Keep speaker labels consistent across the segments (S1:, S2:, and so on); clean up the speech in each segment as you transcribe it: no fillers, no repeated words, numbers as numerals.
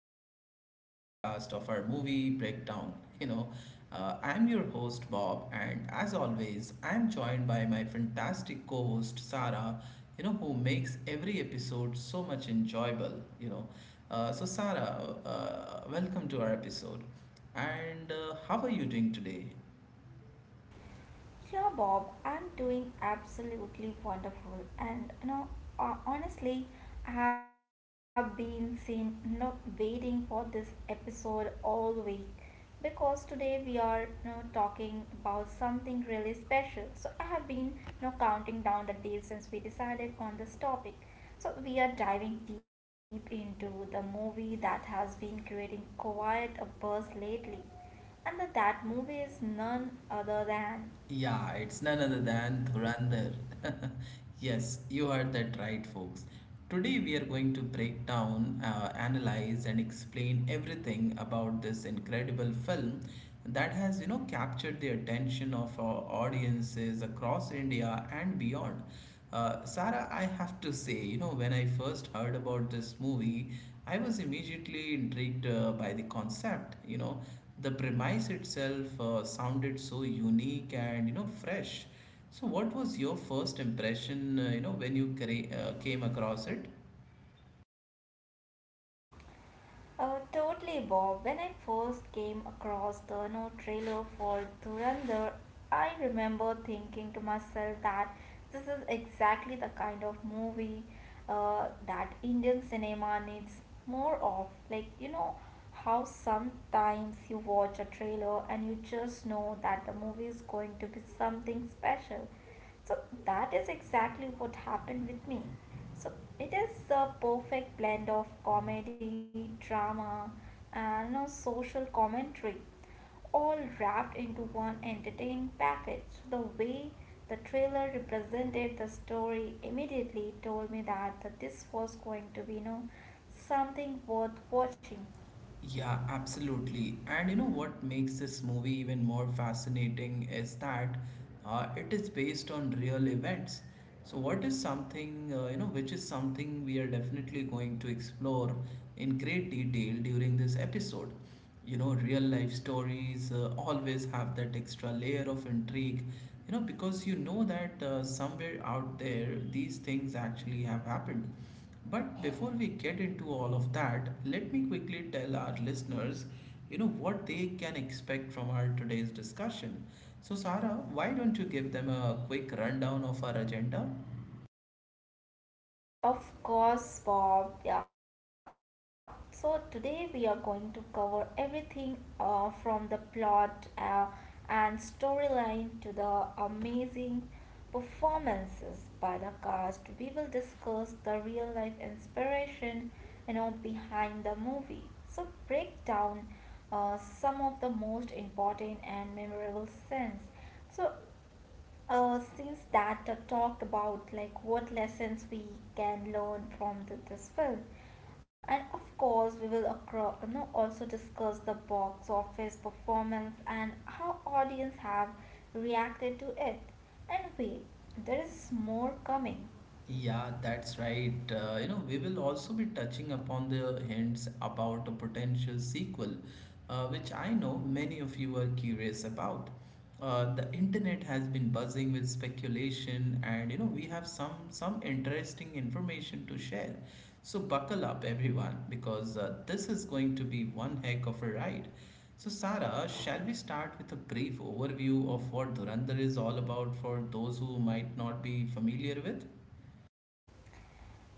S1: exciting podcast of our movie breakdown. You know, I'm your host, Bob, and as always, I'm joined by my fantastic co host, Sarah, who makes every episode so much enjoyable. So Sarah, welcome to our episode. And how are you doing today?
S2: Yeah, Bob, I'm doing absolutely wonderful, and honestly, I have been seen waiting for this episode all week because today we are talking about something really special. So I have been counting down the days since we decided on this topic. So we are diving deep into the movie that has been creating quite a buzz lately and that movie is none other than
S1: Yeah, it's none other than Dhurandhar. Yes, you heard that right, folks. Today we are going to break down, analyze, and explain everything about this incredible film that has, captured the attention of our audiences across India and beyond. Sarah, I have to say, when I first heard about this movie, I was immediately intrigued by the concept. The premise itself sounded so unique and fresh. So what was your first impression when you came across it?
S2: Totally, Bob. When I first came across the no trailer for Dhurandhar, I remember thinking to myself that this is exactly the kind of movie that Indian cinema needs more of. Like, you know, how sometimes you watch a trailer and you just know that the movie is going to be something special. So, that is exactly what happened with me. So it is a perfect blend of comedy, drama, and a social commentary, all wrapped into one entertaining package. So, the way the trailer represented the story immediately told me that this was going to be, you know, something worth watching.
S1: Yeah, absolutely. And what makes this movie even more fascinating is that it is based on real events, so what is something you know which is something we are definitely going to explore in great detail during this episode. Real life stories always have that extra layer of intrigue, because you know that somewhere out there these things actually have happened. But before we get into all of that, let me quickly tell our listeners what they can expect from our today's discussion. So Sarah, why don't you give them a quick rundown of our agenda?
S2: Of course, Bob. Yeah. So today we are going to cover everything from the plot and storyline to the amazing performances by the cast. We will discuss the real life inspiration, you know, behind the movie. So break down some of the most important and memorable scenes. So since that talked about like what lessons we can learn from this film, and of course we will also discuss the box office performance and how audience have reacted to it. And wait, there is more coming.
S1: Yeah, that's right. We will also be touching upon the hints about a potential sequel, which I know many of you are curious about. The internet has been buzzing with speculation, and we have some interesting information to share. So buckle up, everyone, because this is going to be one heck of a ride. So, Sarah, shall we start with a brief overview of what Dhurandhar is all about for those who might not be familiar with?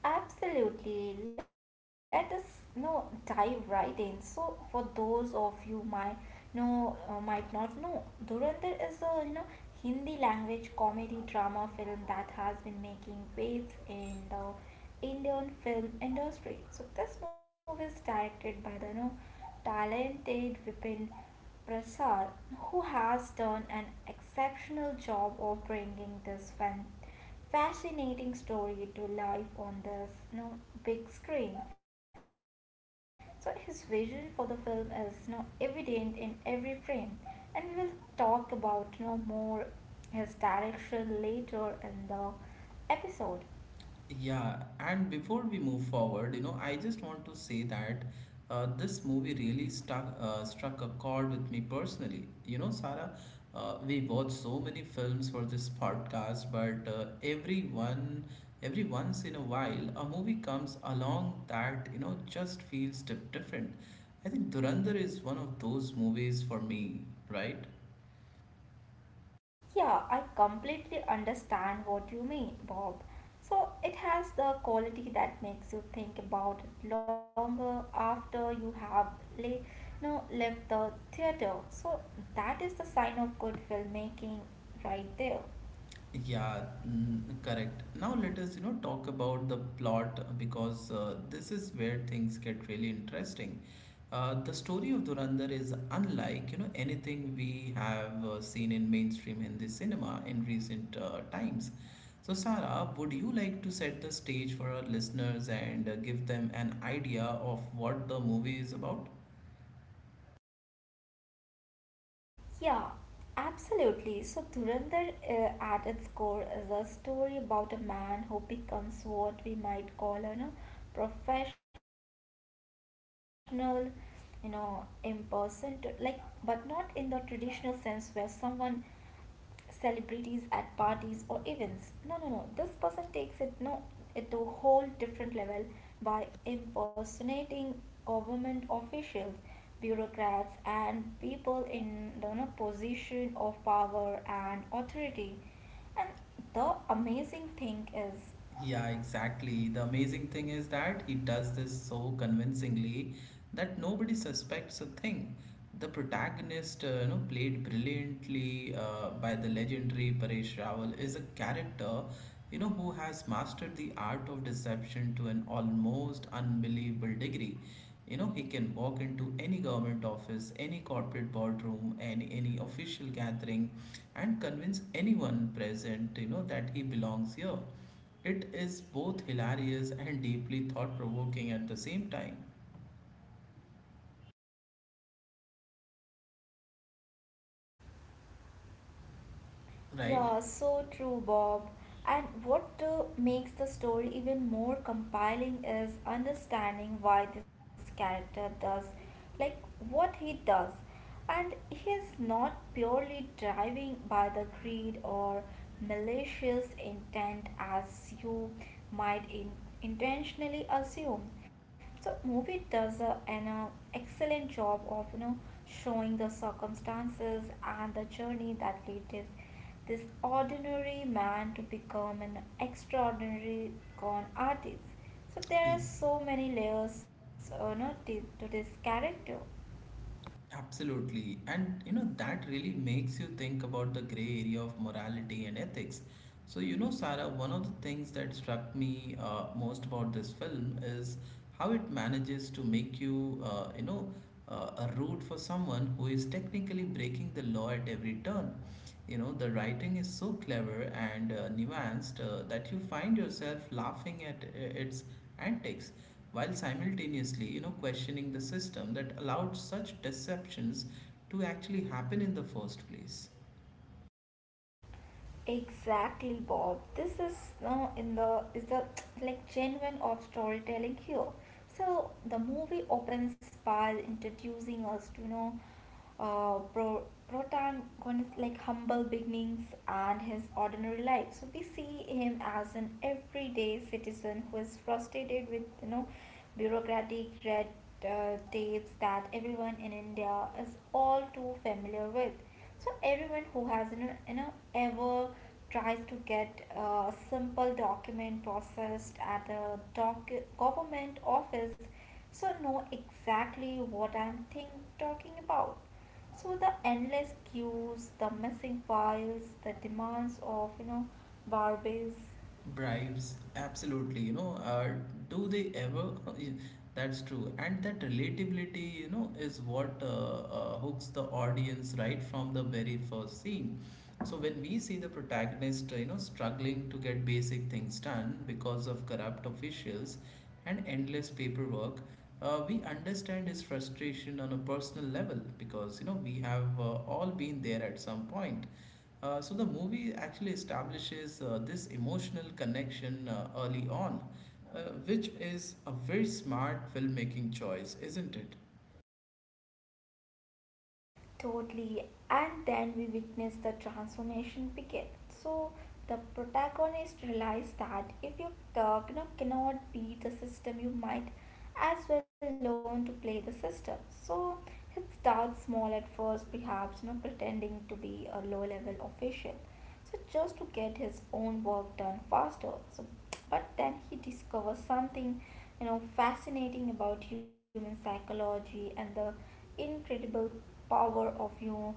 S2: Absolutely. Let us, you know, dive right in. So, for those of you might know, might not know, Dhurandhar is a, you know, Hindi language comedy drama film that has been making waves in the Indian film industry. So, this movie is directed by the, you know, talented Vipin Prasad, who has done an exceptional job of bringing this fan fascinating story to life on the, you know, big screen. So his vision for the film is, you know, evident in every frame, and we will talk about, you know, more his direction later in the episode.
S1: Yeah, and before we move forward, I just want to say that this movie really stuck struck a chord with me personally. You know, Sarah, we watch so many films for this podcast, but every once in a while, a movie comes along that just feels different. I think Durandar is one of those movies for me, right?
S2: Yeah, I completely understand what you mean, Bob. So it has the quality that makes you think about it longer after you have lay, no, left the theater. So that is the sign of good filmmaking right there.
S1: Yeah, correct. Now let us, talk about the plot because this is where things get really interesting. The story of Durandar is unlike, anything we have seen in mainstream Hindi cinema in recent times. So, Sara, would you like to set the stage for our listeners and give them an idea of what the movie is about?
S2: Yeah, absolutely. So, Dhurandhar at its core is a story about a man who becomes what we might call a, you know, professional, you know, impersonator. Like, but not in the traditional sense where someone celebrities at parties or events. No, no, no. This person takes it no it to a whole different level by impersonating government officials, bureaucrats, and people in the, you know, position of power and authority. And the amazing thing is
S1: Yeah, exactly. The amazing thing is that he does this so convincingly that nobody suspects a thing. The protagonist, played brilliantly by the legendary Paresh Rawal, is a character, who has mastered the art of deception to an almost unbelievable degree. He can walk into any government office, any corporate boardroom, and any official gathering, and convince anyone present, that he belongs here. It is both hilarious and deeply thought provoking at the same time, right?
S2: Yeah, so true, Bob. And what makes the story even more compelling is understanding why this character does, like, what he does. And he is not purely driving by the greed or malicious intent as you might intentionally assume. So, movie does an excellent job of, you know, showing the circumstances and the journey that lead this ordinary man to become an extraordinary con artist. So there are so many layers no, to this character.
S1: Absolutely. And that really makes you think about the gray area of morality and ethics. So, Sarah, one of the things that struck me most about this film is how it manages to make you a root for someone who is technically breaking the law at every turn. The writing is so clever and nuanced that you find yourself laughing at its antics while simultaneously, questioning the system that allowed such deceptions to actually happen in the first place.
S2: Exactly, Bob. This is now in the is the like genuine of storytelling here. So the movie opens by introducing us to, you know, protagonist like humble beginnings and his ordinary life. So we see him as an everyday citizen who is frustrated with, you know, bureaucratic red, tapes that everyone in India is all too familiar with. So everyone who has, you know, ever tries to get a simple document processed at a government office, so know exactly what I'm talking about. So the endless queues, the missing files, the demands of, you know, barbies.
S1: Bribes, absolutely. Do they ever? That's true. And that relatability, is what hooks the audience right from the very first scene. So when we see the protagonist, struggling to get basic things done because of corrupt officials and endless paperwork, we understand his frustration on a personal level because, we have all been there at some point. So the movie actually establishes this emotional connection early on, uh, which is a very smart filmmaking choice, isn't it?
S2: Totally. And then we witness the transformation begin. So the protagonist realizes that if you, cannot beat the system, you might as well learn to play the system. So he starts small at first, perhaps, you know, pretending to be a low level official, so just to get his own work done faster. So but then he discovers something, you know, fascinating about human psychology and the incredible power of, you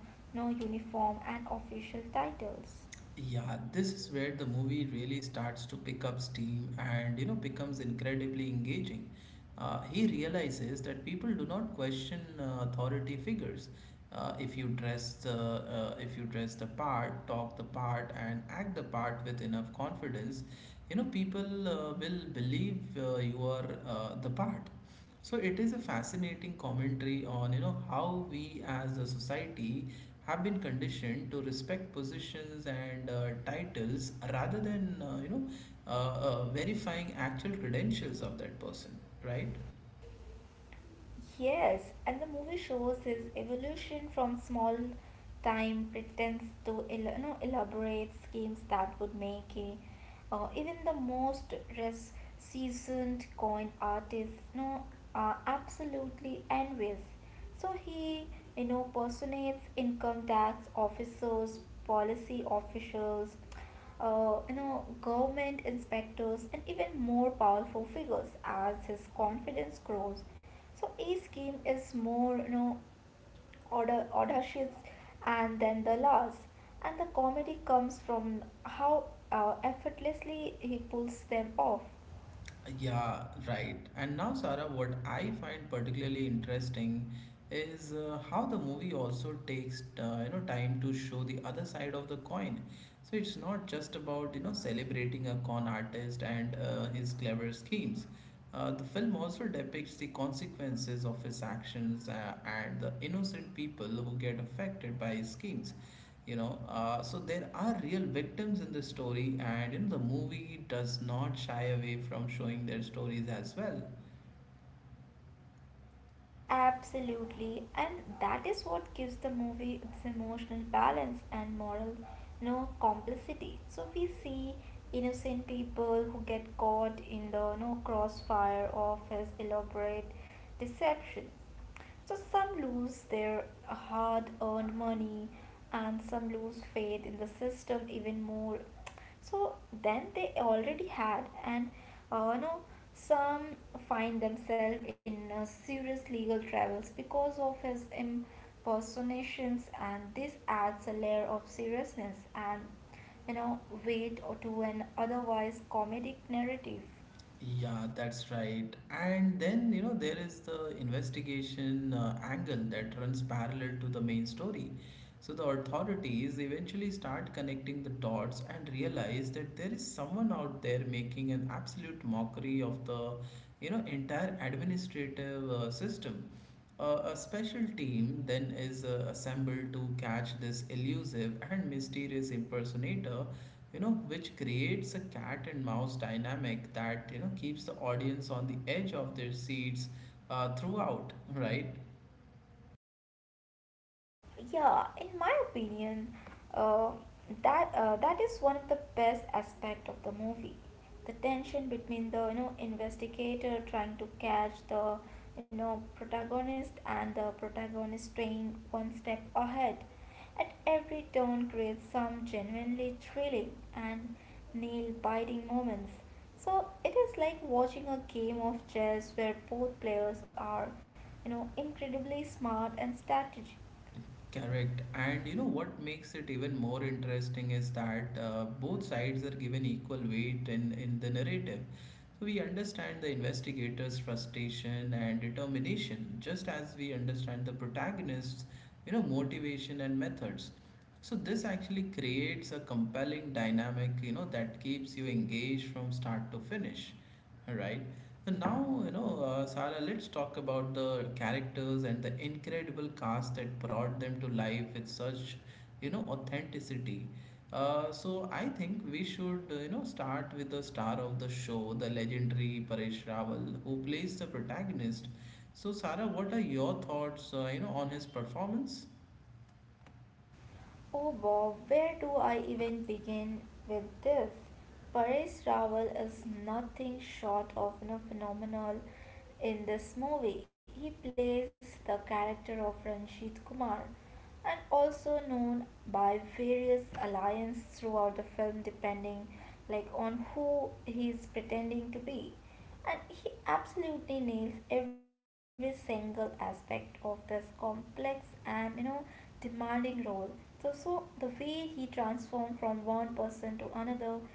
S2: know, uniform and official titles.
S1: Yeah, this is where the movie really starts to pick up steam and becomes incredibly engaging. He realizes that people do not question authority figures. If you dress the part, talk the part, and act the part with enough confidence, people will believe you are the part. So it is a fascinating commentary on how we as a society have been conditioned to respect positions and titles rather than verifying actual credentials of that person, right?
S2: Yes, and the movie shows his evolution from small time pretense to you know, elaborate schemes that would make a, even the most seasoned coin artist, you know, absolutely envious. So he, you know, personates income tax officers, policy officials, you know, government inspectors, and even more powerful figures as his confidence grows. So each scheme is more, you know, order, audacious and then the last. And the comedy comes from how effortlessly he pulls them off.
S1: Yeah, right. And now, Sarah, what I find particularly interesting is how the movie also takes time to show the other side of the coin. So it's not just about celebrating a con artist and his clever schemes. The film also depicts the consequences of his actions and the innocent people who get affected by his schemes. So there are real victims in this story, and the movie does not shy away from showing their stories as well.
S2: Absolutely, and that is what gives the movie its emotional balance and moral, you know, complicity. So we see innocent people who get caught in the, you know, crossfire of his elaborate deception. So some lose their hard earned money and some lose faith in the system even more. So then they already had and no some find themselves in serious legal troubles because of his impersonations, and this adds a layer of seriousness and, you know, weight to an otherwise comedic narrative.
S1: Yeah, that's right. And then, there is the investigation angle that runs parallel to the main story. So the authorities eventually start connecting the dots and realize that there is someone out there making an absolute mockery of the, entire administrative system. A special team then is assembled to catch this elusive and mysterious impersonator, which creates a cat and mouse dynamic that keeps the audience on the edge of their seats throughout, right?
S2: Yeah, in my opinion, uh, that is one of the best aspect of the movie, the tension between the, you know, investigator trying to catch the, you know, protagonist and the protagonist staying one step ahead at every turn creates some genuinely thrilling and nail biting moments. So it is like watching a game of chess where both players are, you know, incredibly smart and strategic.
S1: Correct. And what makes it even more interesting is that both sides are given equal weight in the narrative. So we understand the investigator's frustration and determination, just as we understand the protagonist's, motivation and methods. So this actually creates a compelling dynamic, that keeps you engaged from start to finish. Right? And now, Sara, let's talk about the characters and the incredible cast that brought them to life with such, authenticity. So I think we should, start with the star of the show, the legendary Paresh Rawal, who plays the protagonist. So, Sara, what are your thoughts, on his performance?
S2: Oh Bob, where do I even begin with this? Paresh Rawal is nothing short of, you know, phenomenal in this movie. He plays the character of Ranjit Kumar, and also known by various alliance throughout the film depending like on who he is pretending to be, and he absolutely nails every single aspect of this complex and, you know, demanding role. So the way he transformed from one person to another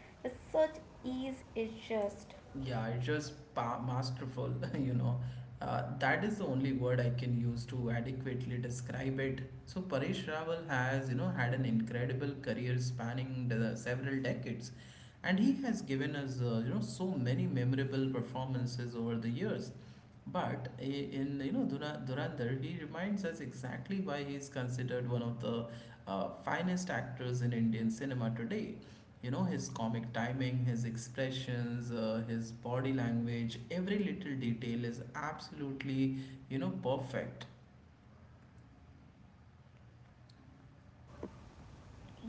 S2: with such ease is just
S1: Yeah, it's just masterful, you know. That is the only word I can use to adequately describe it. So Paresh Rawal has, had an incredible career spanning the several decades, and he has given us, so many memorable performances over the years. But in Dhurandhar, he reminds us exactly why he is considered one of the finest actors in Indian cinema today. His comic timing, his expressions, his body language, every little detail is absolutely perfect.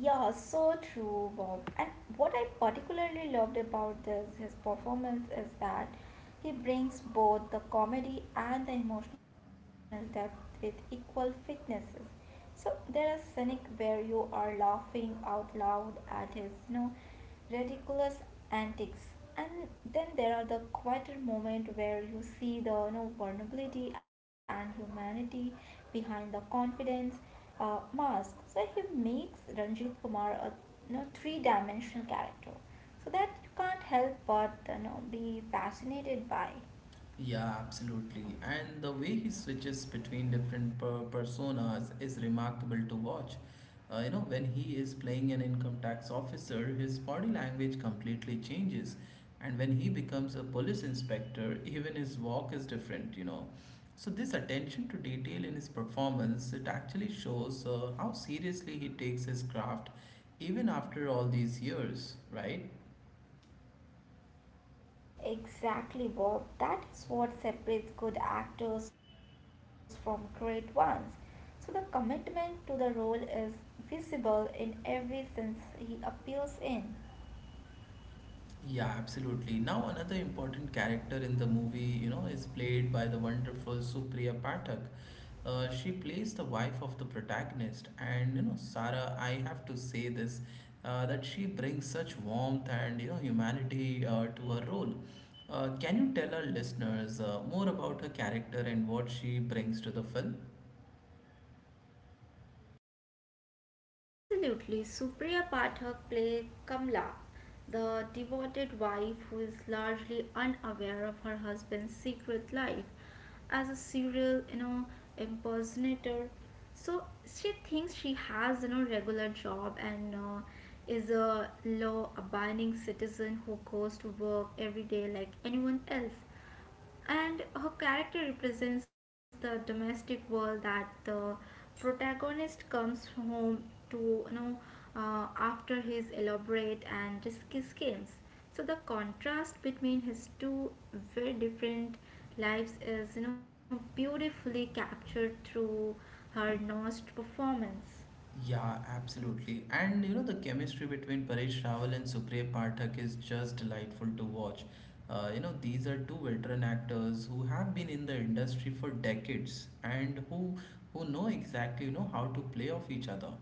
S2: Yeah, so true, Bob. And what I particularly loved about this his performance is that he brings both the comedy and the emotional depth with equal fitnesses. So there are scenic where you are laughing out loud at his, you know, ridiculous antics, and then there are the quieter moment where you see the, you know, vulnerability and humanity behind the confidence mask. So he makes Ranjit Kumar a, you know, three-dimensional character, so that you can't help but, you know, be fascinated by
S1: Yeah, absolutely. And the way he switches between different personas is remarkable to watch. When he is playing an income tax officer, his body language completely changes. And when he becomes a police inspector, even his walk is different, you know. So this attention to detail in his performance, it actually shows how seriously he takes his craft even after all these years, right?
S2: Exactly, Bob. That is what separates good actors from great ones. So the commitment to the role is visible in every sense he appears in.
S1: Yeah, absolutely. Now, another important character in the movie, is played by the wonderful Supriya Pathak. She plays the wife of the protagonist, and Sarah, I have to say this, that she brings such warmth and humanity to her role. Can you tell our listeners more about her character and what she brings to the film?
S2: Absolutely. Supriya Pathak played Kamla, the devoted wife who is largely unaware of her husband's secret life as a serial, you know, impersonator. So she thinks she has, you know, regular job and is a law-abiding citizen who goes to work every day like anyone else. And her character represents the domestic world that the protagonist comes home to, you know, after his elaborate and risky schemes. So the contrast between his two very different lives is, you know, beautifully captured through her nuanced performance.
S1: Yeah, absolutely. And the chemistry between Paresh Rawal and Supriya Pathak is just delightful to watch. These are two veteran actors who have been in the industry for decades and who know exactly, how to play off each other.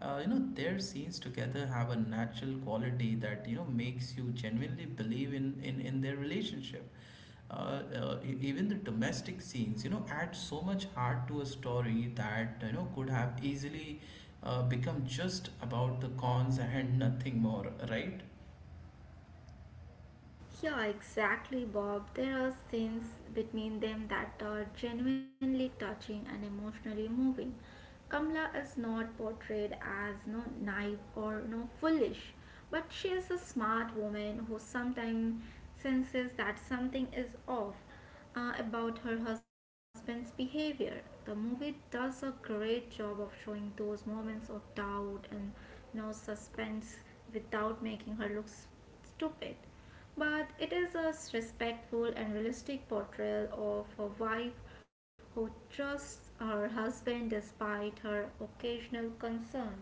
S1: Their scenes together have a natural quality that, makes you genuinely believe in in their relationship. Even the domestic scenes, add so much heart to a story that, could have easily become just about the cons and nothing more, right?
S2: Yeah, exactly, Bob. There are scenes between them that are genuinely touching and emotionally moving. Kamla is not portrayed as no naive or no foolish, but she is a smart woman who sometimes senses that something is off about her husband's behavior. The movie does a great job of showing those moments of doubt and, you know, suspense without making her look stupid, but it is a respectful and realistic portrayal of a wife who trusts her husband despite her occasional concerns.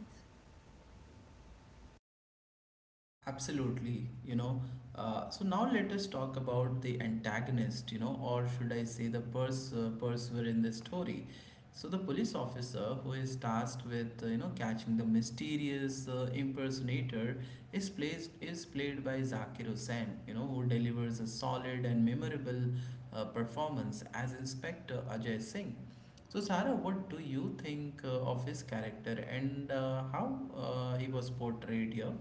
S1: Absolutely, you know. So now let us talk about the antagonist, you know, or should I say the pursuer in this story. So the police officer who is tasked with you know catching the mysterious impersonator is played by Zakir Hussain, you know, who delivers a solid and memorable performance as Inspector Ajay Singh. So Sarah, what do you think of his character and how he was portrayed here?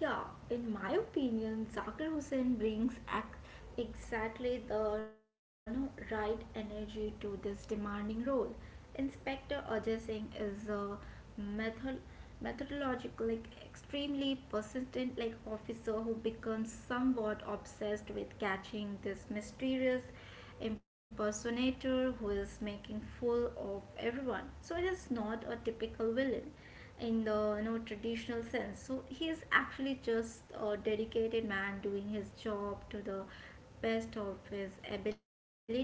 S2: Yeah, in my opinion, Zakir Hussain brings exactly the, you know, right energy to this demanding role. Inspector Ajay Singh is a method methodological, like extremely persistent, like officer who becomes somewhat obsessed with catching this mysterious impersonator who is making fool of everyone. So it is not a typical villain in the, you know, traditional sense. So he is actually just a dedicated man doing his job to the best of his ability. So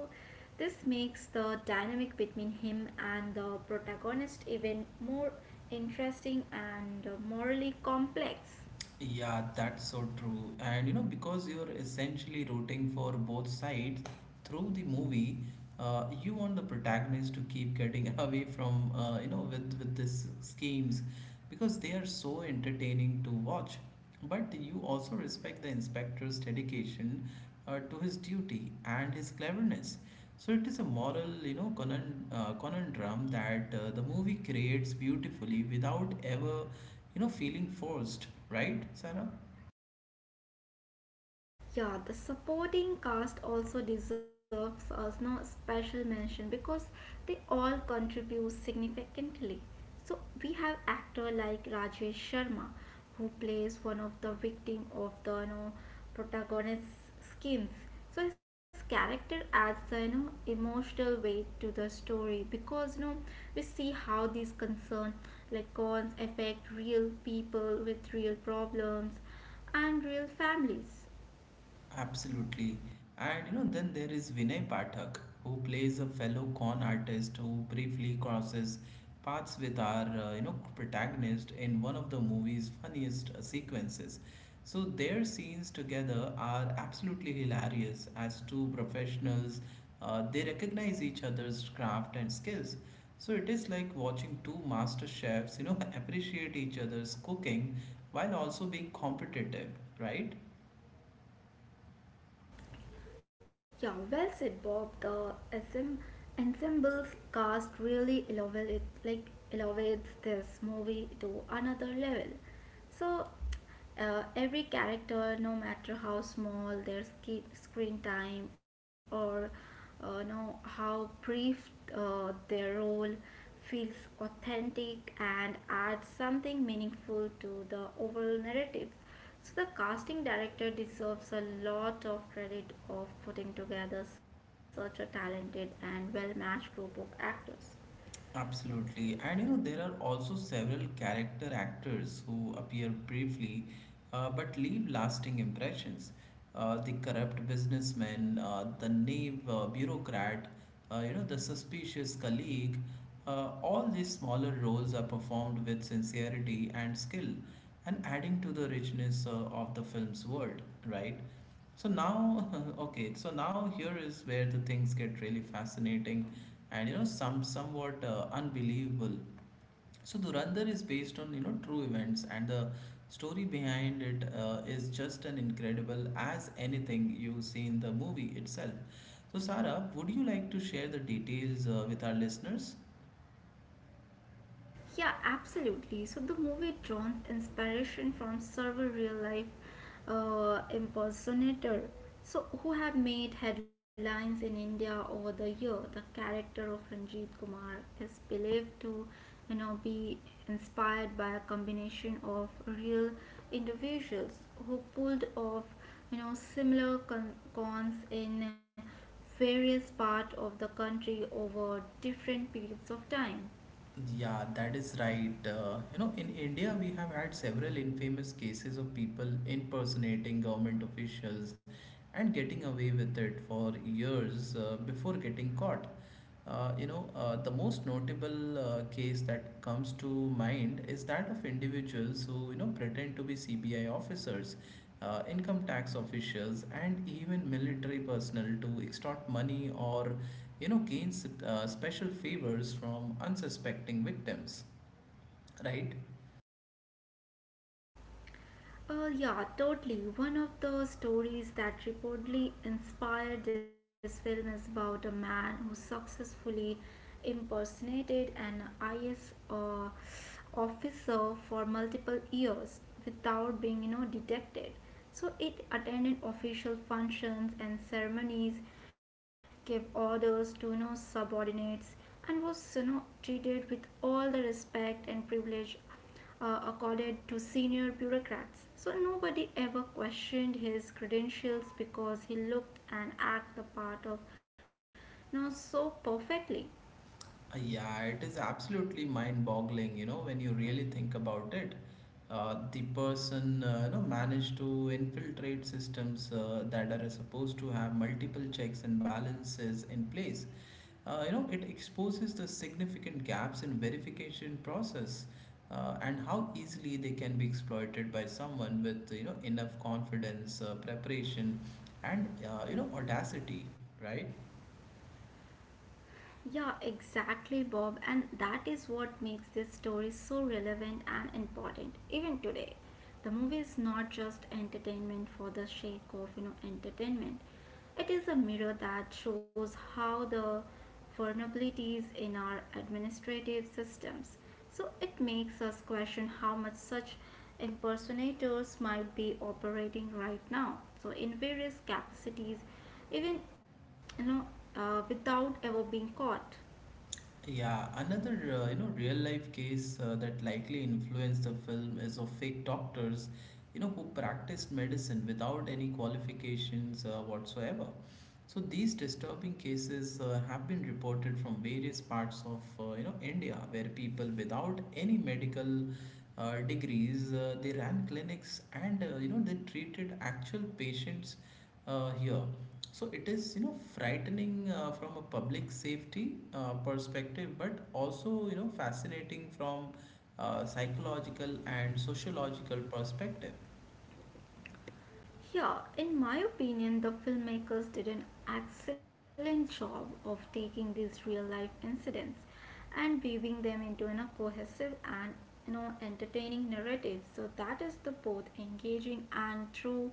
S2: this makes the dynamic between him and the protagonist even more interesting and, morally complex.
S1: Yeah, that's so true. And you know, because you're essentially rooting for both sides through the movie, you want the protagonist to keep getting away from, you know, with these schemes, because they are so entertaining to watch. But you also respect the inspector's dedication to his duty and his cleverness. So it is a moral, you know, conundrum that the movie creates beautifully without ever, you know, feeling forced, right, Sarah?
S2: Yeah, the supporting cast also deserves a no special mention because they all contribute significantly. So we have actor like Rajesh Sharma, who plays one of the victim of the, you know, protagonist's schemes. So his character adds the emotional weight to the story because we see how these concern like cons affect real people with real problems and real families.
S1: Absolutely. And you know, then there is Vinay Pathak, who plays a fellow con artist who briefly crosses paths with our, you know, protagonist in one of the movie's funniest sequences. So their scenes together are absolutely hilarious as two professionals. They recognize each other's craft and skills. So it is like watching two master chefs, you know, appreciate each other's cooking while also being competitive, right?
S2: Yeah, well said, Bob. The SM ensemble's cast really elevate it, like elevates this movie to another level. So, every character, no matter how small their screen time or no how brief their role, feels authentic and adds something meaningful to the overall narrative. So the casting director deserves a lot of credit of putting together such a talented and well-matched group of actors.
S1: Absolutely, and you know, there are also several character actors who appear briefly but leave lasting impressions. The corrupt businessman, the naive bureaucrat, you know, the suspicious colleague, all these smaller roles are performed with sincerity and skill, and adding to the richness of the film's world, right? So now, okay, so now here is where the things get really fascinating and you know somewhat unbelievable. So Durandar is based on you know true events, and the story behind it is just an incredible as anything you see in the movie itself. So Sarah, would you like to share the details with our listeners?
S2: Yeah, absolutely. So the movie draws inspiration from several real life impersonator, so who have made headlines in India over the year. The character of Ranjit Kumar is believed to, be inspired by a combination of real individuals who pulled off, similar cons in various parts of the country over different periods of time.
S1: Yeah, that is right. You know, in India, we have had several infamous cases of people impersonating government officials and getting away with it for years before getting caught. The most notable case that comes to mind is that of individuals who, you know, pretend to be CBI officers, income tax officials, and even military personnel to extort money or you know, gains special favors from unsuspecting victims, right?
S2: Yeah, totally. One of the stories that reportedly inspired this film is about a man who successfully impersonated an IS officer for multiple years without being, detected. So it attended official functions and ceremonies, gave orders to, subordinates, and was, treated with all the respect and privilege accorded to senior bureaucrats. So nobody ever questioned his credentials because he looked and acted the part of so perfectly.
S1: Yeah, it is absolutely mind boggling, you know, when you really think about it. The person, you know, managed to infiltrate systems that are supposed to have multiple checks and balances in place. You know, it exposes the significant gaps in verification process and how easily they can be exploited by someone with you know enough confidence, preparation, and you know, audacity, right?
S2: Yeah, exactly, Bob. And that is what makes this story so relevant and important, even today. The movie is not just entertainment for the sake of entertainment. It is a mirror that shows how the vulnerabilities in our administrative systems. So it makes us question how much such impersonators might be operating right now. So in various capacities even you know without ever being caught.
S1: Yeah, another you know real life case that likely influenced the film is of fake doctors, you know, who practiced medicine without any qualifications whatsoever. So these disturbing cases have been reported from various parts of you know India, where people without any medical degrees they ran clinics and you know they treated actual patients here. So it is, you know, frightening from a public safety perspective, but also, you know, fascinating from psychological and sociological perspective.
S2: Yeah, in my opinion, the filmmakers did an excellent job of taking these real life incidents and weaving them into a cohesive and entertaining narrative, so that is the both engaging and true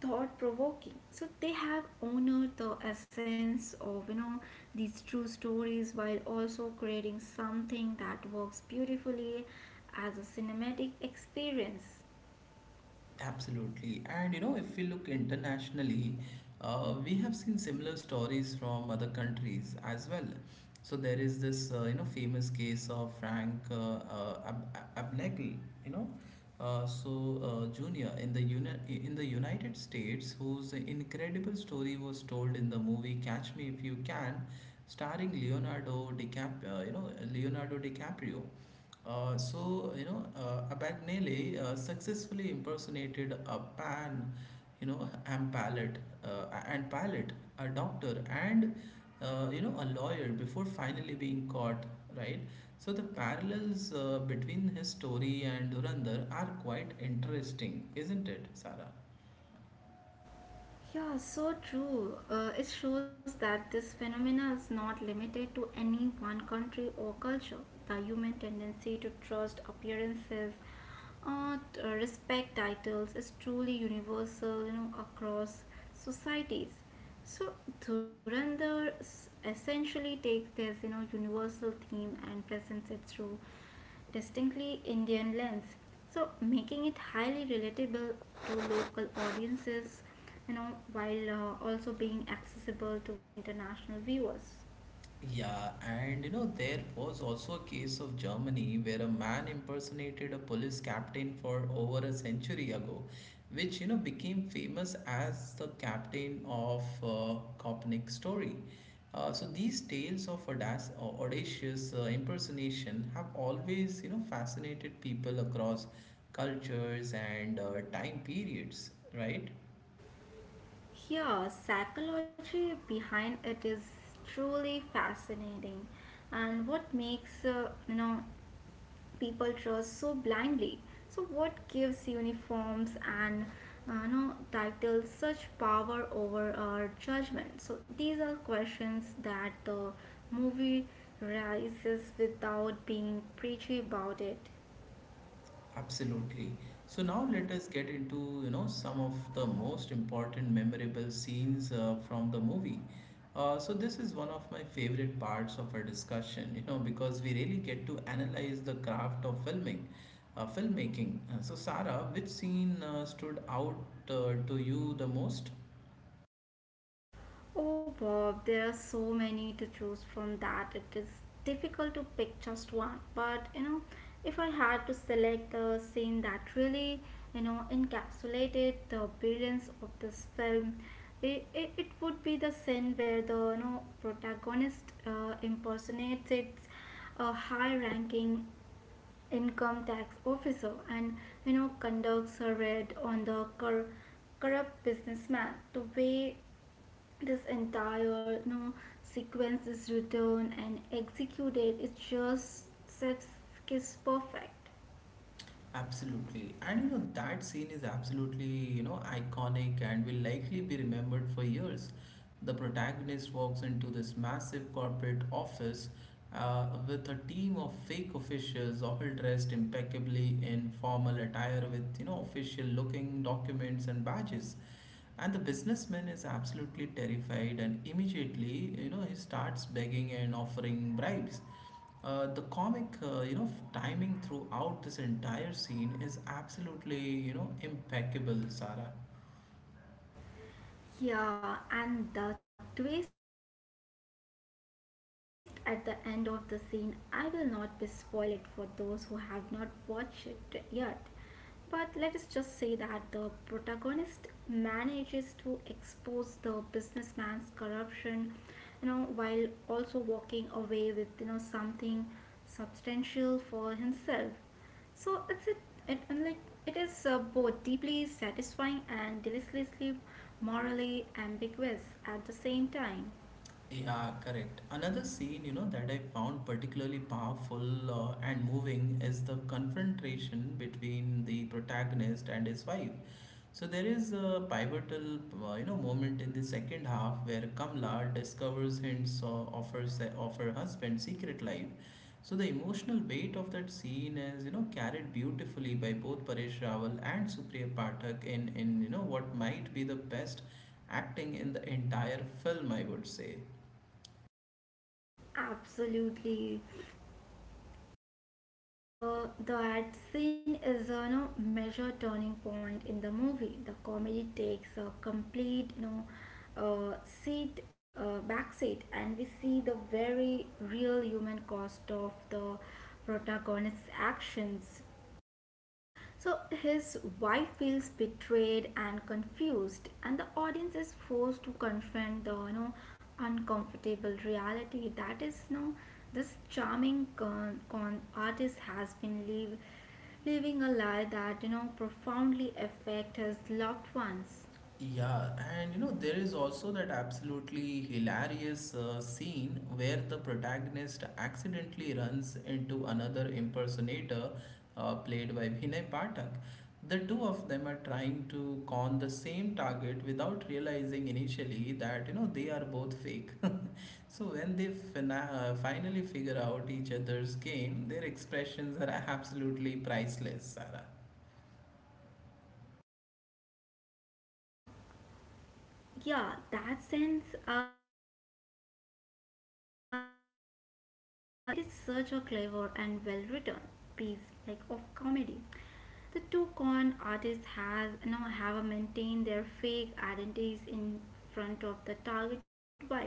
S2: thought provoking. So they have honored the essence of these true stories while also creating something that works beautifully as a cinematic experience.
S1: Absolutely. And you know, if we look internationally, we have seen similar stories from other countries as well. So there is this, you know, famous case of Frank Abnegel, you know, uh, so Junior in the United States, whose incredible story was told in the movie Catch Me If You Can, starring Leonardo DiCaprio. You know, Abagnale successfully impersonated a pan, you know, and palate, and palate, a doctor, and you know, a lawyer before finally being caught, right? So the parallels between his story and Durandar are quite interesting, isn't it, Sarah?
S2: Yeah, so true. It shows that this phenomena is not limited to any one country or culture. The human tendency to trust appearances, respect titles is truly universal, you know, across societies. So Dhurandhar essentially takes this, universal theme and presents it through distinctly Indian lens. So, making it highly relatable to local audiences, while also being accessible to international viewers.
S1: Yeah, and you know, there was also a case of Germany where a man impersonated a police captain for over a century ago, which you know became famous as the captain of Kopnick story. So these tales of audacious impersonation have always you know fascinated people across cultures and time periods, right?
S2: Here, psychology behind it is truly fascinating, and what makes people trust so blindly. So, what gives uniforms and titles such power over our judgment? So, these are questions that the movie raises without being preachy about it.
S1: Absolutely. So now let us get into, you know, some of the most important memorable scenes from the movie. So this is one of my favorite parts of our discussion, you know, because we really get to analyze the craft of filming, filmmaking. So Sarah, which scene stood out to you the most?
S2: Oh, Bob, there are so many to choose from that it is difficult to pick just one. But you know, if I had to select a scene that really, encapsulated the brilliance of this film, it would be the scene where the protagonist impersonates its a high-ranking income tax officer and conducts a raid on the corrupt businessman. The way this entire sequence is written and executed, it just seems perfect.
S1: Absolutely. And you know, that scene is absolutely, you know, iconic and will likely be remembered for years. The protagonist walks into this massive corporate office with a team of fake officials, all dressed impeccably in formal attire with, you know, official looking documents and badges. And the businessman is absolutely terrified and immediately, you know, he starts begging and offering bribes. The comic, you know, timing throughout this entire scene is absolutely, you know, impeccable, Sarah.
S2: Yeah, and the twist at the end of the scene, I will not be spoil it for those who have not watched it yet. But let us just say that the protagonist manages to expose the businessman's corruption, while also walking away with, something substantial for himself. So it's a, it and like it is both deeply satisfying and deliciously morally ambiguous at the same time.
S1: Yeah, correct. Another scene, you know, that I found particularly powerful and moving is the confrontation between the protagonist and his wife. So there is a pivotal, you know, moment in the second half where Kamla discovers hints or offers of her husband's secret life. So the emotional weight of that scene is, you know, carried beautifully by both Paresh Rawal and Supriya Pathak in, you know what might be the best acting in the entire film, I would say.
S2: Absolutely. That scene is a no, major turning point in the movie. The comedy takes a complete back seat, and we see the very real human cost of the protagonist's actions. So his wife feels betrayed and confused, and the audience is forced to confront the uncomfortable reality that is this charming con artist has been living a lie that profoundly affect his loved ones.
S1: Yeah, and you know, there is also that absolutely hilarious scene where the protagonist accidentally runs into another impersonator played by Vinay Pathak. The two of them are trying to con the same target without realizing initially that you know they are both fake. So when they finally figure out each other's game, their expressions are absolutely priceless, Sarah.
S2: Uh, Yeah, that sense had me laughing so hard I could barely breathe. It is such a clever and well written piece like of comedy. The two con artists has you know have maintained their fake identities in front of the target while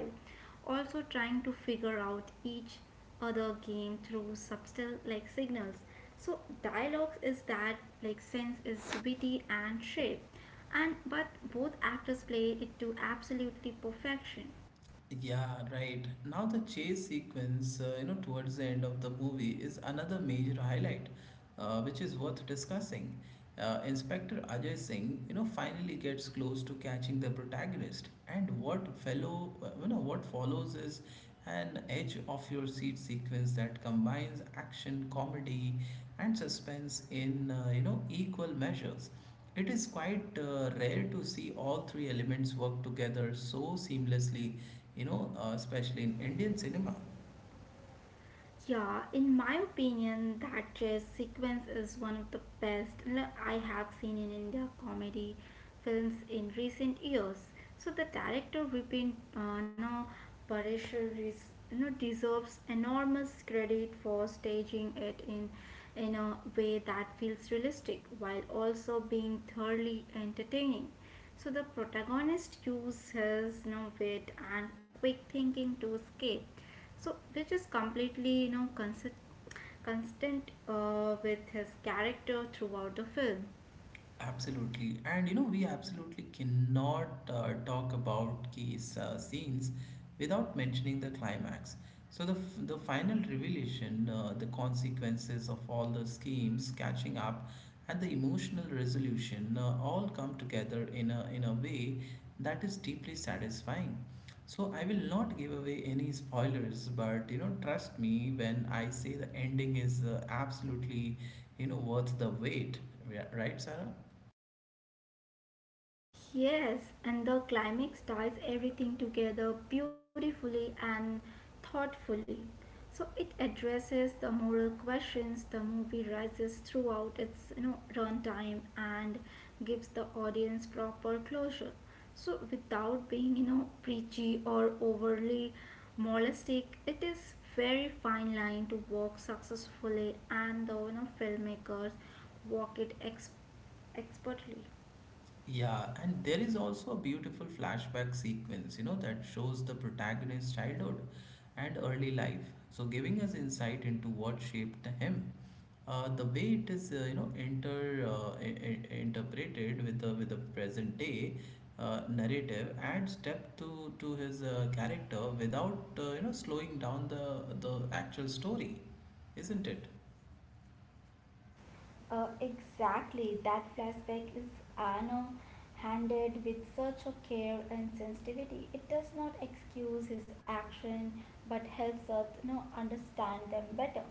S2: also trying to figure out each other game through subtle like signals, so dialogues is that sense is witty and shape, and but both actors play it to absolutely perfection.
S1: Yeah, right. Now the chase sequence, you know, towards the end of the movie is another major highlight, which is worth discussing. Inspector Ajay Singh, you know, finally gets close to catching the protagonist, and what fellow, you know, what follows is an edge of your seat sequence that combines action, comedy, and suspense in you know equal measures. It is quite rare to see all three elements work together so seamlessly, you know, especially in Indian cinema.
S2: Yeah, in my opinion, that chase sequence is one of the I have seen in India comedy films in recent years. So the director Vipin no, Pareshar is, deserves enormous credit for staging it in a way that feels realistic while also being thoroughly entertaining. So the protagonist uses wit and quick thinking to escape, so which is completely constant with his character throughout the film.
S1: Absolutely, and you know, we absolutely cannot talk about case scenes without mentioning the climax. So the final revelation, the consequences of all the schemes catching up, and the emotional resolution all come together in a way that is deeply satisfying. So I will not give away any spoilers, but you know, trust me when I say the ending is absolutely you know worth the wait. Yeah, right, Sarah?
S2: Yes, and the climax ties everything together beautifully and thoughtfully. So it addresses the moral questions the movie raises throughout its runtime and gives the audience proper closure. So without being preachy or overly moralistic, it is very fine line to walk successfully, and the filmmakers walk it expertly.
S1: Yeah, and there is also a beautiful flashback sequence, you know, that shows the protagonist's childhood and early life. So, giving us insight into what shaped him. The way it is, you know, interpreted with the present day narrative adds depth to his character without you know slowing down the actual story, isn't it?
S2: Exactly, that flashback is Anno handled with such a care and sensitivity. It does not excuse his action but helps us understand them better.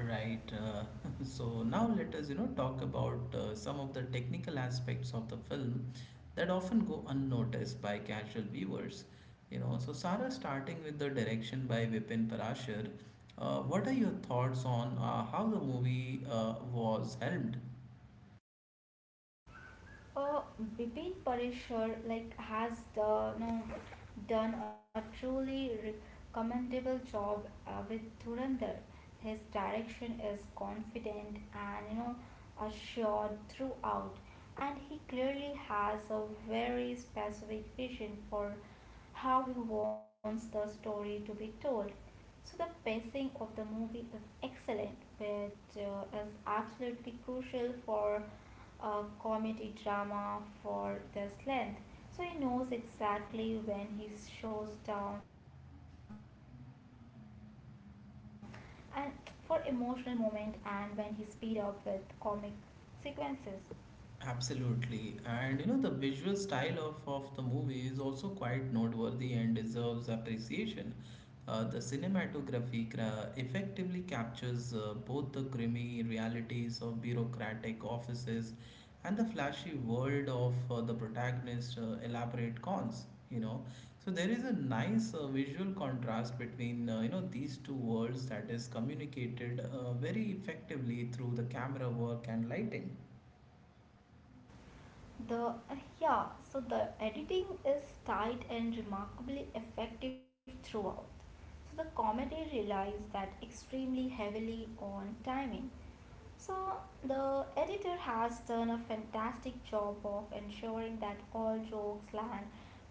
S1: Right. So now let us, you know, talk about some of the technical aspects of the film that often go unnoticed by casual viewers. You know, so Sarah, starting with the direction by Vipin Parashar, what are your thoughts on how the movie was helmed?
S2: Uh, Bipin Parishar has the, no done a truly commendable job with Dhurandhar. His direction is confident and assured throughout, and he clearly has a very specific vision for how he wants the story to be told. So the pacing of the movie is excellent, which is absolutely crucial for a comedy drama for this length. So he knows exactly when he slows down and for emotional moment and when he speed up with comic sequences.
S1: Absolutely. And you know, the visual style of, the movie is also quite noteworthy and deserves appreciation. The cinematography effectively captures both the grimy realities of bureaucratic offices and the flashy world of the protagonist's elaborate cons. You know, so there is a nice visual contrast between you know these two worlds that is communicated very effectively through the camera work and lighting.
S2: The uh, yeah, so the editing is tight and remarkably effective throughout. So the comedy relies that extremely heavily on timing. So the editor has done a fantastic job of ensuring that all jokes land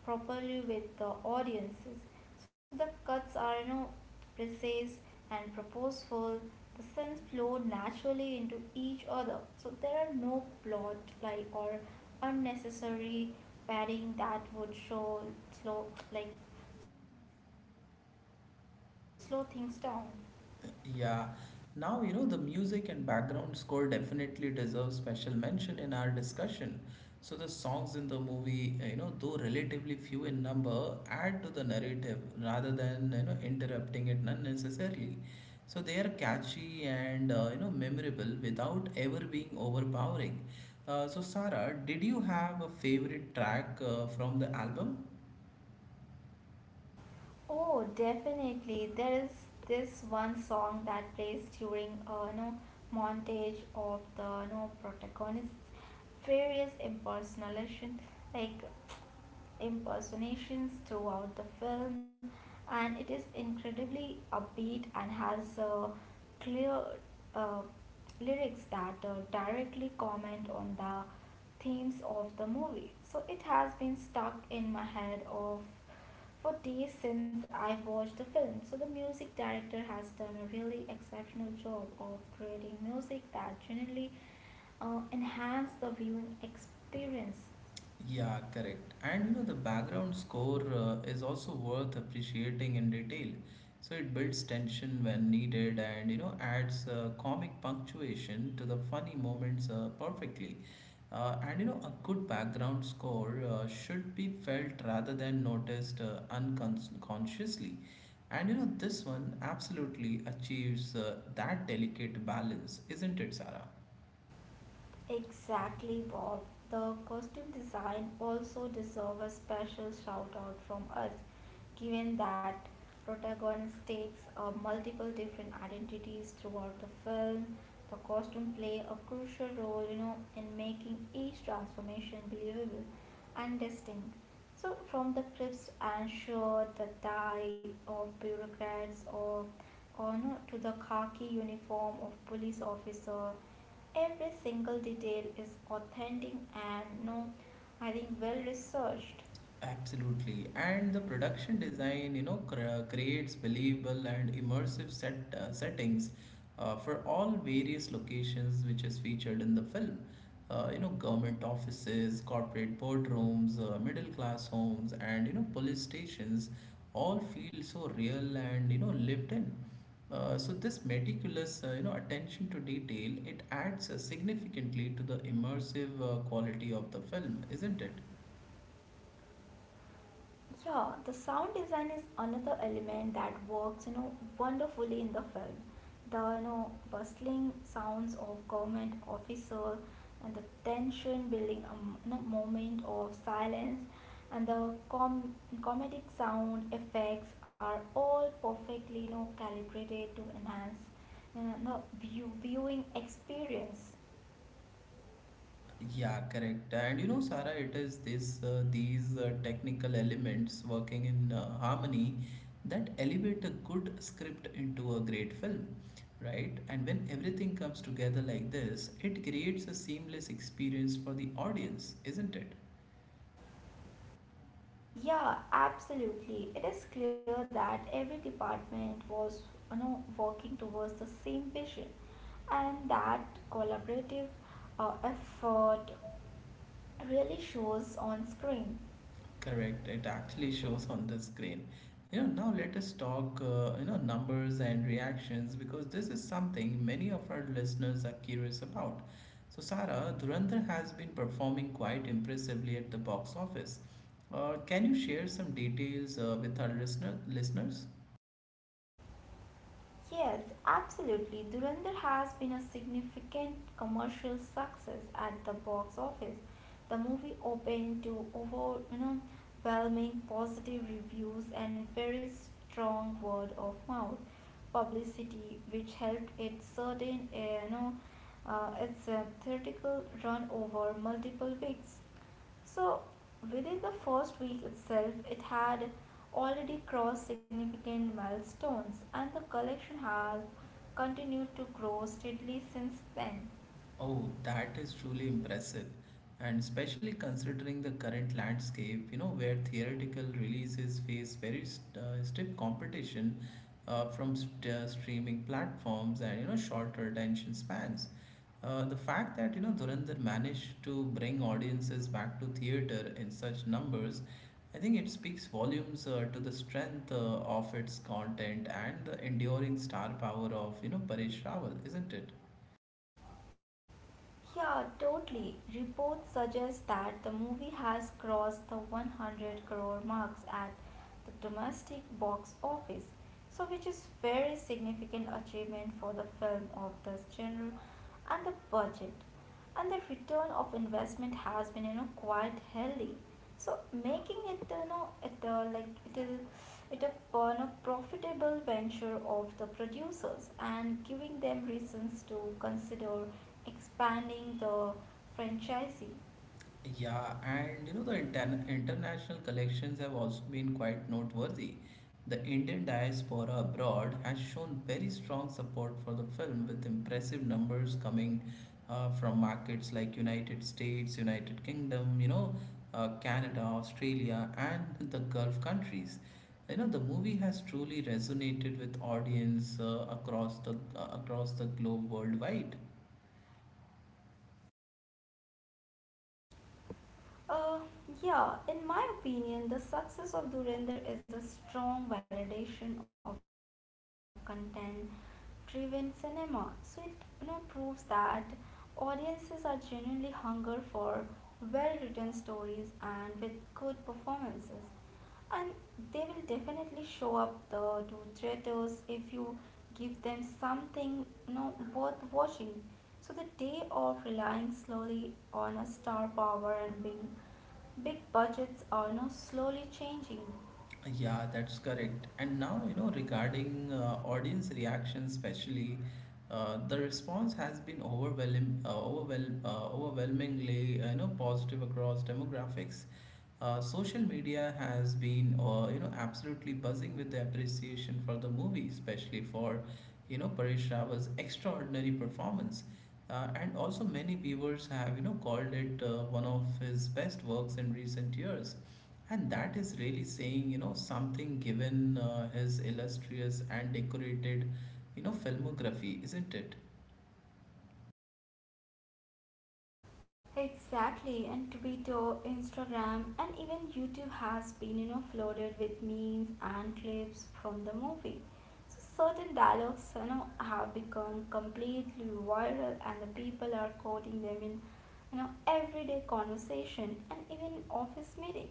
S2: properly with the audiences. So the cuts are precise and purposeful. The scenes flow naturally into each other. So there are no plot like or unnecessary padding that would show slow like slow things down.
S1: Yeah. Now, you know, the music and background score definitely deserve special mention in our discussion. So, the songs in the movie, you know, though relatively few in number, add to the narrative rather than, you know, interrupting it unnecessarily. So, they are catchy and, you know, memorable without ever being overpowering. So, Sarah, did you have a favorite track from the album?
S2: Oh, definitely. There is this one song that plays during a montage of the protagonist's various impersonation. Like impersonations throughout the film, and it is incredibly upbeat and has clear uh, lyrics that directly comment on the themes of the movie. So it has been stuck in my head of for days since I watched the film. So the music director has done a really exceptional job of creating music that genuinely enhance the viewing experience.
S1: Yeah, correct. And you know, the background score is also worth appreciating in detail. So it builds tension when needed and you know, adds comic punctuation to the funny moments perfectly. A good background score should be felt rather than noticed unconsciously. This one absolutely achieves that delicate balance, isn't it, Sarah?
S2: Exactly, Bob. The costume design also deserves a special shout out from us, given that protagonist takes multiple different identities throughout the film. The costume play a crucial role, you know, in making each transformation believable and distinct. So, from the crisp and shirt, the tie of bureaucrats, or no, to the khaki uniform of police officer. Every single detail is authentic and no, I think well researched.
S1: Absolutely. And the production design, creates believable and immersive set settings for all various locations which is featured in the film. Government offices, corporate boardrooms, middle class homes, and police stations all feel so real and lived in. So this meticulous, attention to detail, it adds significantly to the immersive quality of the film, isn't it?
S2: Yeah, the sound design is another element that works, wonderfully in the film. The bustling sounds of government officer and the tension building in a moment of silence and the comedic sound effects are all perfectly calibrated to enhance viewing experience.
S1: Yeah, correct. Sarah, it is this these technical elements working in harmony that elevate a good script into a great film, right? And when everything comes together like this, it creates a seamless experience for the audience, isn't it?
S2: Yeah, absolutely. It is clear that every department was, working towards the same vision, and that collaborative effort really shows on screen.
S1: Correct. It actually shows on the screen. You know, now let us talk, numbers and reactions because this is something many of our listeners are curious about. So, Sarah, Dhurandhar has been performing quite impressively at the box office. Can you share some details with our listeners?
S2: Yes, absolutely. Dhurandhar has been a significant commercial success at the box office. The movie opened to over, overwhelming positive reviews and very strong word of mouth publicity, which helped it certain, its theatrical run over multiple weeks. So, within the first week itself, it had already crossed significant milestones, and the collection has continued to grow steadily since then.
S1: Oh, that is truly impressive, and especially considering the current landscape, you know, where theoretical releases face very stiff competition from streaming platforms and shorter attention spans. The fact that Dhurandhar managed to bring audiences back to theater in such numbers, I think it speaks volumes to the strength of its content and the enduring star power of Paresh Rawal, isn't it?
S2: Yeah, totally. Reports suggest that the movie has crossed the 100 crore marks at the domestic box office, so which is very significant achievement for the film of this genre and the budget. And the return of investment has been, quite healthy. So making it you know it like it is it a no, profitable venture of the producers and giving them reasons to consider expanding the franchisee.
S1: Yeah, and the international collections have also been quite noteworthy. The Indian diaspora abroad has shown very strong support for the film, with impressive numbers coming from markets like United States, United Kingdom, Canada, Australia, and the Gulf countries. You know, the movie has truly resonated with audience across the globe worldwide.
S2: Uh, yeah, in my opinion, the success of Durender is a strong validation of content-driven cinema. So it proves that audiences are genuinely hunger for well-written stories and with good performances. And they will definitely show up the two traitors if you give them something worth watching. So the day of relying slowly on a star power and being big budgets are now slowly changing.
S1: Yeah, that's correct. And now, you know, regarding audience reaction, especially, the response has been overwhelmingly, positive across demographics. Social media has been, absolutely buzzing with the appreciation for the movie, especially for, you know, Paresh Rawal's extraordinary performance. And also many viewers have, you know, called it one of his best works in recent years. And that is really saying, you know, something given his illustrious and decorated, you know, filmography, isn't it?
S2: Exactly, and Twitter, Instagram, and even YouTube has been, flooded with memes and clips from the movie. So certain dialogues, have become completely viral, and the people are quoting them in, everyday conversation and even office meeting.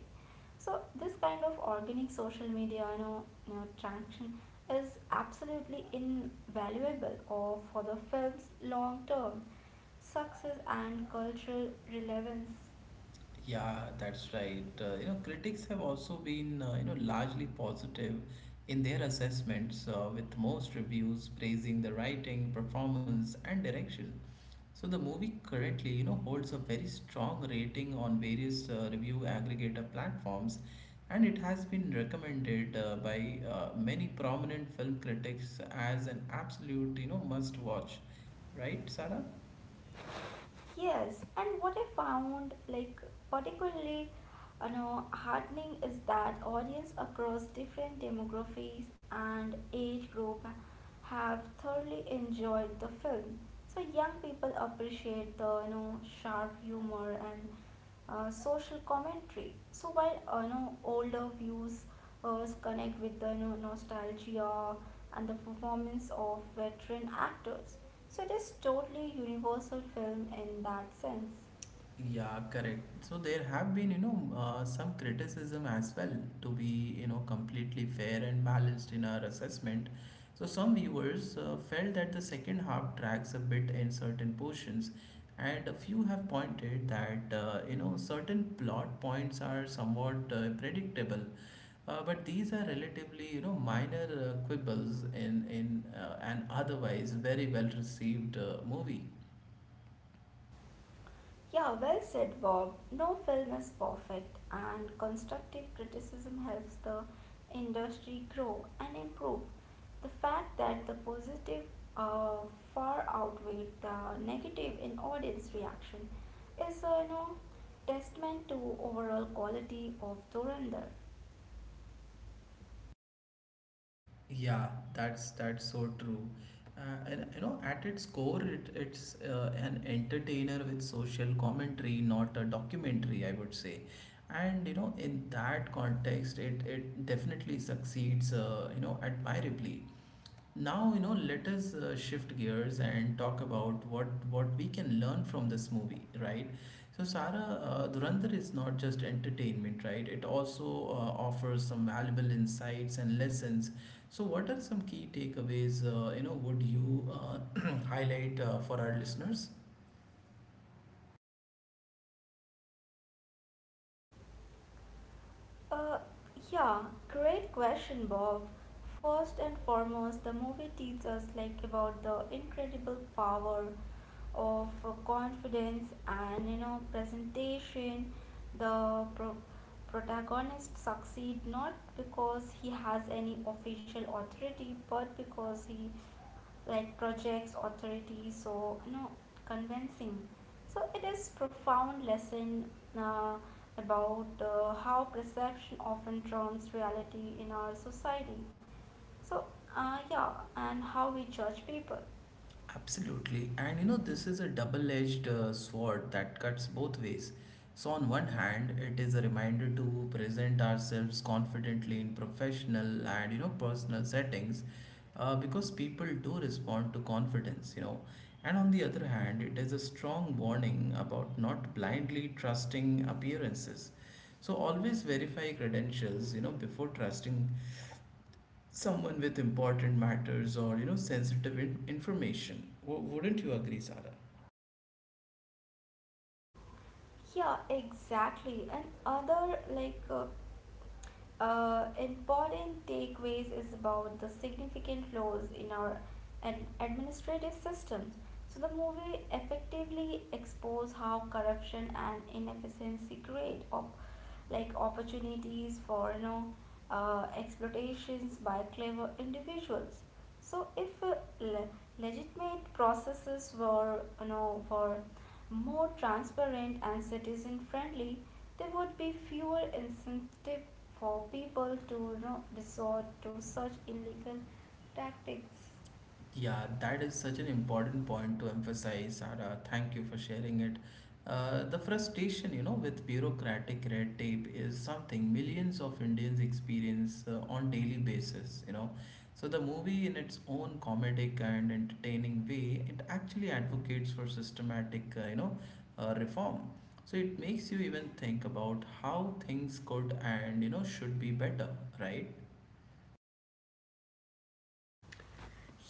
S2: So this kind of organic social media, traction is absolutely invaluable or for the film's long term success and cultural relevance.
S1: Yeah, that's right. Critics have also been, largely positive in their assessments, with most reviews praising the writing, performance, and direction. So the movie currently, you know, holds a very strong rating on various review aggregator platforms, and it has been recommended by many prominent film critics as an absolute, you know, must watch. Right, Sarah?
S2: Yes, and what I found like particularly heartening is that audience across different demographics and age group have thoroughly enjoyed the film. So young people appreciate the sharp humor and social commentary. So while older views connect with the nostalgia and the performance of veteran actors, so it is totally universal film in that sense.
S1: Yeah, correct. So there have been, some criticism as well to be, you know, completely fair and balanced in our assessment. So some viewers felt that the second half drags a bit in certain portions, and a few have pointed that, you know, certain plot points are somewhat predictable. But these are relatively, you know, minor quibbles in an otherwise very well received movie.
S2: Yeah, well said, Bob. No film is perfect, and constructive criticism helps the industry grow and improve. The fact that the positive uh, far outweighed the negative in audience reaction is a testament to overall quality of Dhurandhar.
S1: Yeah, that's so true. At its core, it's an entertainer with social commentary, not a documentary, I would say. And you know, in that context, it definitely succeeds, admirably. Now, you know, let us shift gears and talk about what we can learn from this movie, right? So, Sara, Dhurandhar is not just entertainment, right? It also offers some valuable insights and lessons. So, what are some key takeaways? Would you highlight for our listeners?
S2: Uh, yeah, great question, Bob. First and foremost, the movie teaches us like about the incredible power of confidence and presentation. the pro- protagonist succeed not because he has any official authority but because he like projects authority, so convincing. So it is profound lesson uh, about how perception often trumps reality in our society. So yeah, and how we judge people.
S1: Absolutely. And you know, this is a double edged sword that cuts both ways. So, on one hand, it is a reminder to present ourselves confidently in professional and you know, personal settings because people do respond to confidence, you know. And on the other hand, it is a strong warning about not blindly trusting appearances. So, always verify credentials, you know, before trusting someone with important matters or sensitive information wouldn't you agree Sarah?
S2: Yeah, exactly. And other like important takeaways is about the significant flaws in our administrative systems. So the movie effectively expose how corruption and inefficiency create like opportunities for exploitations by clever individuals. So if le- legitimate processes were you know were more transparent and citizen friendly, there would be fewer incentive for people to resort to such illegal tactics.
S1: Yeah, that is such an important point to emphasize, Sarah. Thank you for sharing it. The frustration, you know, with bureaucratic red tape is something millions of Indians experience on daily basis, you know. So the movie, in its own comedic and entertaining way, it actually advocates for systematic, reform. So it makes you even think about how things could and should be better, right?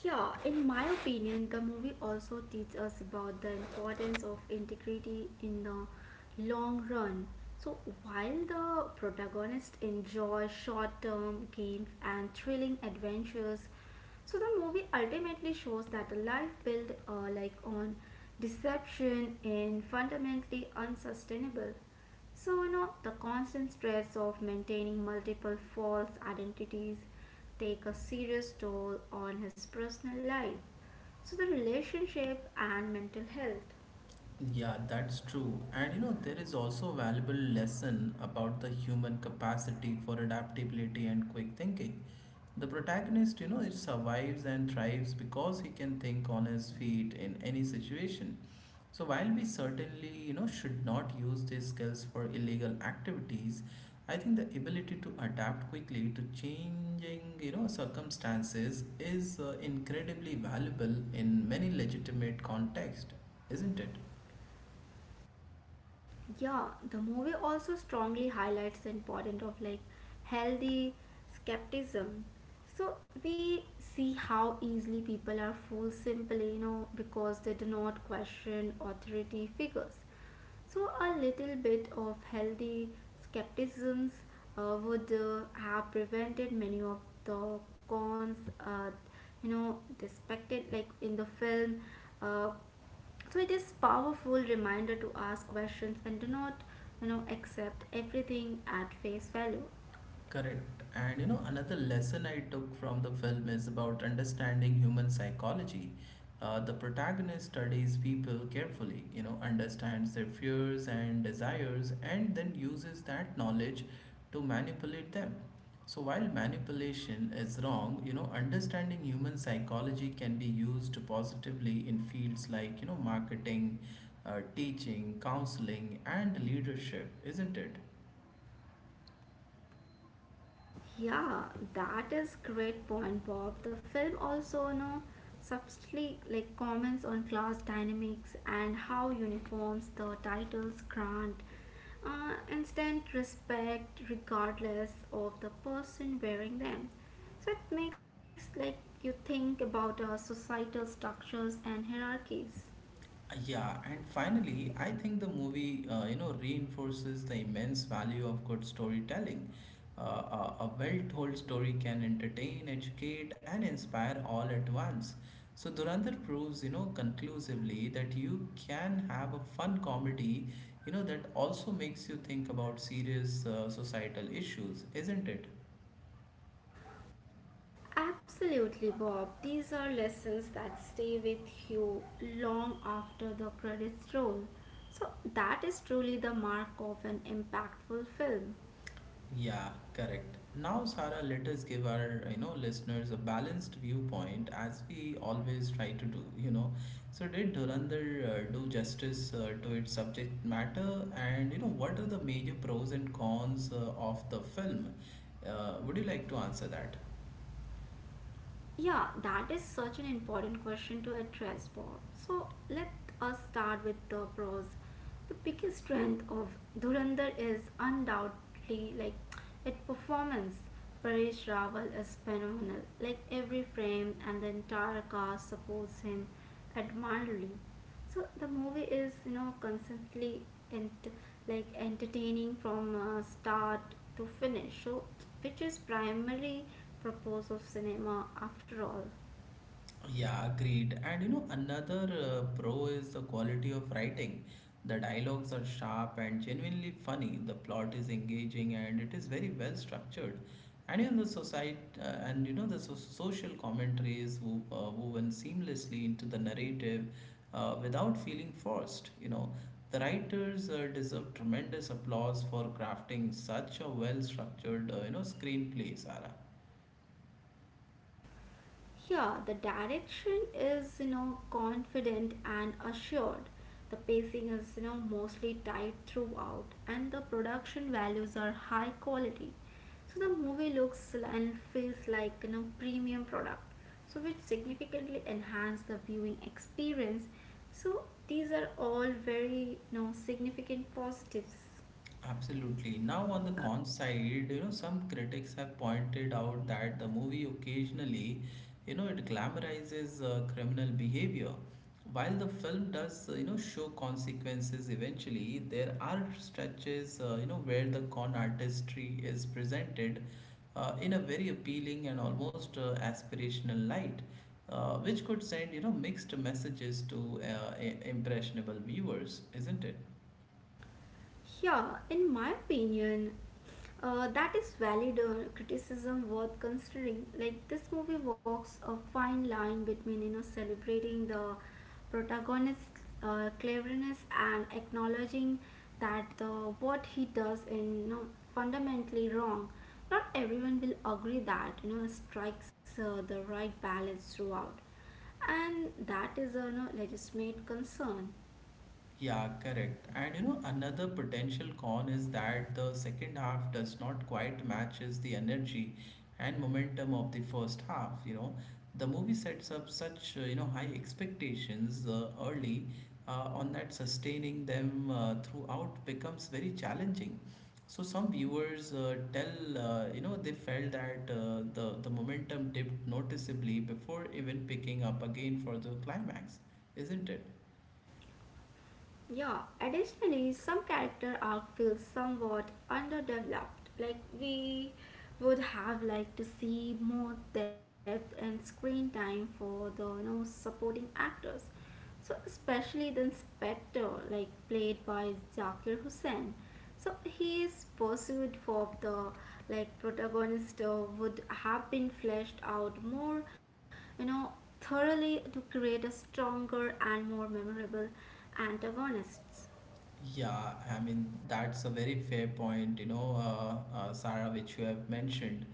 S2: Yeah, in my opinion, the movie also teaches us about the importance of integrity in the long run. So, while the protagonist enjoys short term gains and thrilling adventures, so the movie ultimately shows that a life built like on deception is fundamentally unsustainable. So, the constant stress of maintaining multiple false identities take a serious toll on his personal life, so the relationship and mental health.
S1: Yeah, that's true. And you know, there is also a valuable lesson about the human capacity for adaptability and quick thinking. The protagonist, you know, he survives and thrives because he can think on his feet in any situation. So while we certainly, you know, should not use these skills for illegal activities, I think the ability to adapt quickly to changing, you know, circumstances is incredibly valuable in many legitimate contexts, isn't it?
S2: Yeah, the movie also strongly highlights the importance of like healthy skepticism. So we see how easily people are fooled simply, because they do not question authority figures. So a little bit of healthy skepticisms would have prevented many of the cons, uh, depicted like in the film. Uh, so it is powerful reminder to ask questions and do not accept everything at face value.
S1: Correct. And you know, another lesson I took from the film is about understanding human psychology. The protagonist studies people carefully, you know, understands their fears and desires, and then uses that knowledge to manipulate them. So, while manipulation is wrong, you know, understanding human psychology can be used positively in fields like, you know, marketing, teaching, counseling, and leadership, isn't it?
S2: Yeah, that is great point, Bob. The film also subtly like comments on class dynamics and how uniforms the titles grant instant respect regardless of the person wearing them. So it makes like you think about societal structures and hierarchies.
S1: Yeah, and finally, I think the movie, reinforces the immense value of good storytelling. A well-told story can entertain, educate, and inspire all at once. So Durandar proves, you know, conclusively that you can have a fun comedy, you know, that also makes you think about serious societal issues, isn't it?
S2: Absolutely, Bob. These are lessons that stay with you long after the credits roll. So, that is truly the mark of an impactful film.
S1: Yeah, correct. Now, Sarah, let us give our, you know, listeners a balanced viewpoint as we always try to do, you know. So did Dhurandhar do justice to its subject matter and, you know, what are the major pros and cons of the film? Would you like to answer that?
S2: Yeah, that is such an important question to address, Bob. So let us start with the pros. The biggest strength of Dhurandhar is undoubtedly like its performance. Paresh Rawal is phenomenal. Like every frame and the entire cast supports him admirably, so the movie is constantly ent- like entertaining from start to finish, so which is primary purpose of cinema after all.
S1: Yeah, agreed. And you know, another pro is the quality of writing. The dialogues are sharp and genuinely funny. The plot is engaging and it is very well structured. And in the society, and you know, the social commentary is woven seamlessly into the narrative without feeling forced. You know, the writers deserve tremendous applause for crafting such a well-structured, screenplay, Sarah.
S2: Here, the direction is, confident and assured. The pacing is, mostly tight throughout, and the production values are high quality. So the movie looks and feels like, premium product. So which significantly enhance the viewing experience. So these are all very, significant positives.
S1: Absolutely. Now, on the con side, you know, some critics have pointed out that the movie occasionally, you know, it glamorizes criminal behavior. While the film does, show consequences eventually, there are stretches, where the con artistry is presented in a very appealing and almost aspirational light, which could send, you know, mixed messages to impressionable viewers, isn't it?
S2: Yeah, in my opinion, that is valid criticism worth considering. Like this movie walks a fine line between celebrating the protagonist's cleverness and acknowledging that the what he does is fundamentally wrong. Not everyone will agree that strikes the right balance throughout, and that is a legitimate concern.
S1: Yeah, correct. And you know, another potential con is that the second half does not quite matches the energy and momentum of the first half, you know. The movie sets up such, you know, high expectations early on that sustaining them throughout becomes very challenging. So some viewers tell, you know, they felt that the momentum dipped noticeably before even picking up again for the climax, isn't it?
S2: Yeah, additionally, some character arc feels somewhat underdeveloped. Like we would have liked to see more depth and screen time for the supporting actors. So especially the inspector, like played by Zakir Hussain. So he is pursuit for the like protagonist would have been fleshed out more, you know, thoroughly to create a stronger and more memorable antagonist.
S1: Yeah, I mean, that's a very fair point, Sarah, which you have mentioned.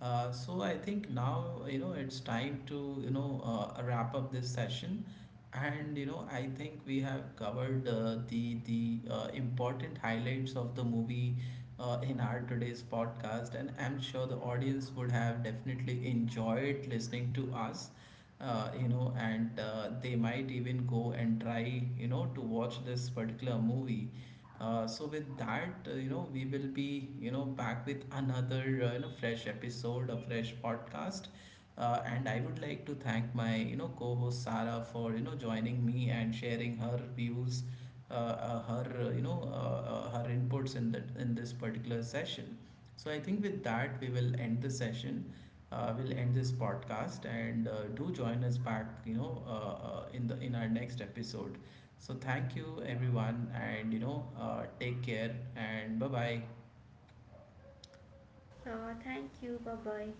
S1: So I think now, you know, it's time to wrap up this session. And, you know, I think we have covered the important highlights of the movie in our today's podcast, and I'm sure the audience would have definitely enjoyed listening to us you know, and they might even go and try, you know, to watch this particular movie. So with that, we will be, you know, back with another, fresh episode, a fresh podcast. And I would like to thank my, you know, co-host Sarah for, you know, joining me and sharing her views, her inputs in that in this particular session. So I think with that, we will end the session. We'll end this podcast and do join us back, in the in our next episode. So thank you everyone, and take care and bye bye.
S2: Thank you. Bye bye.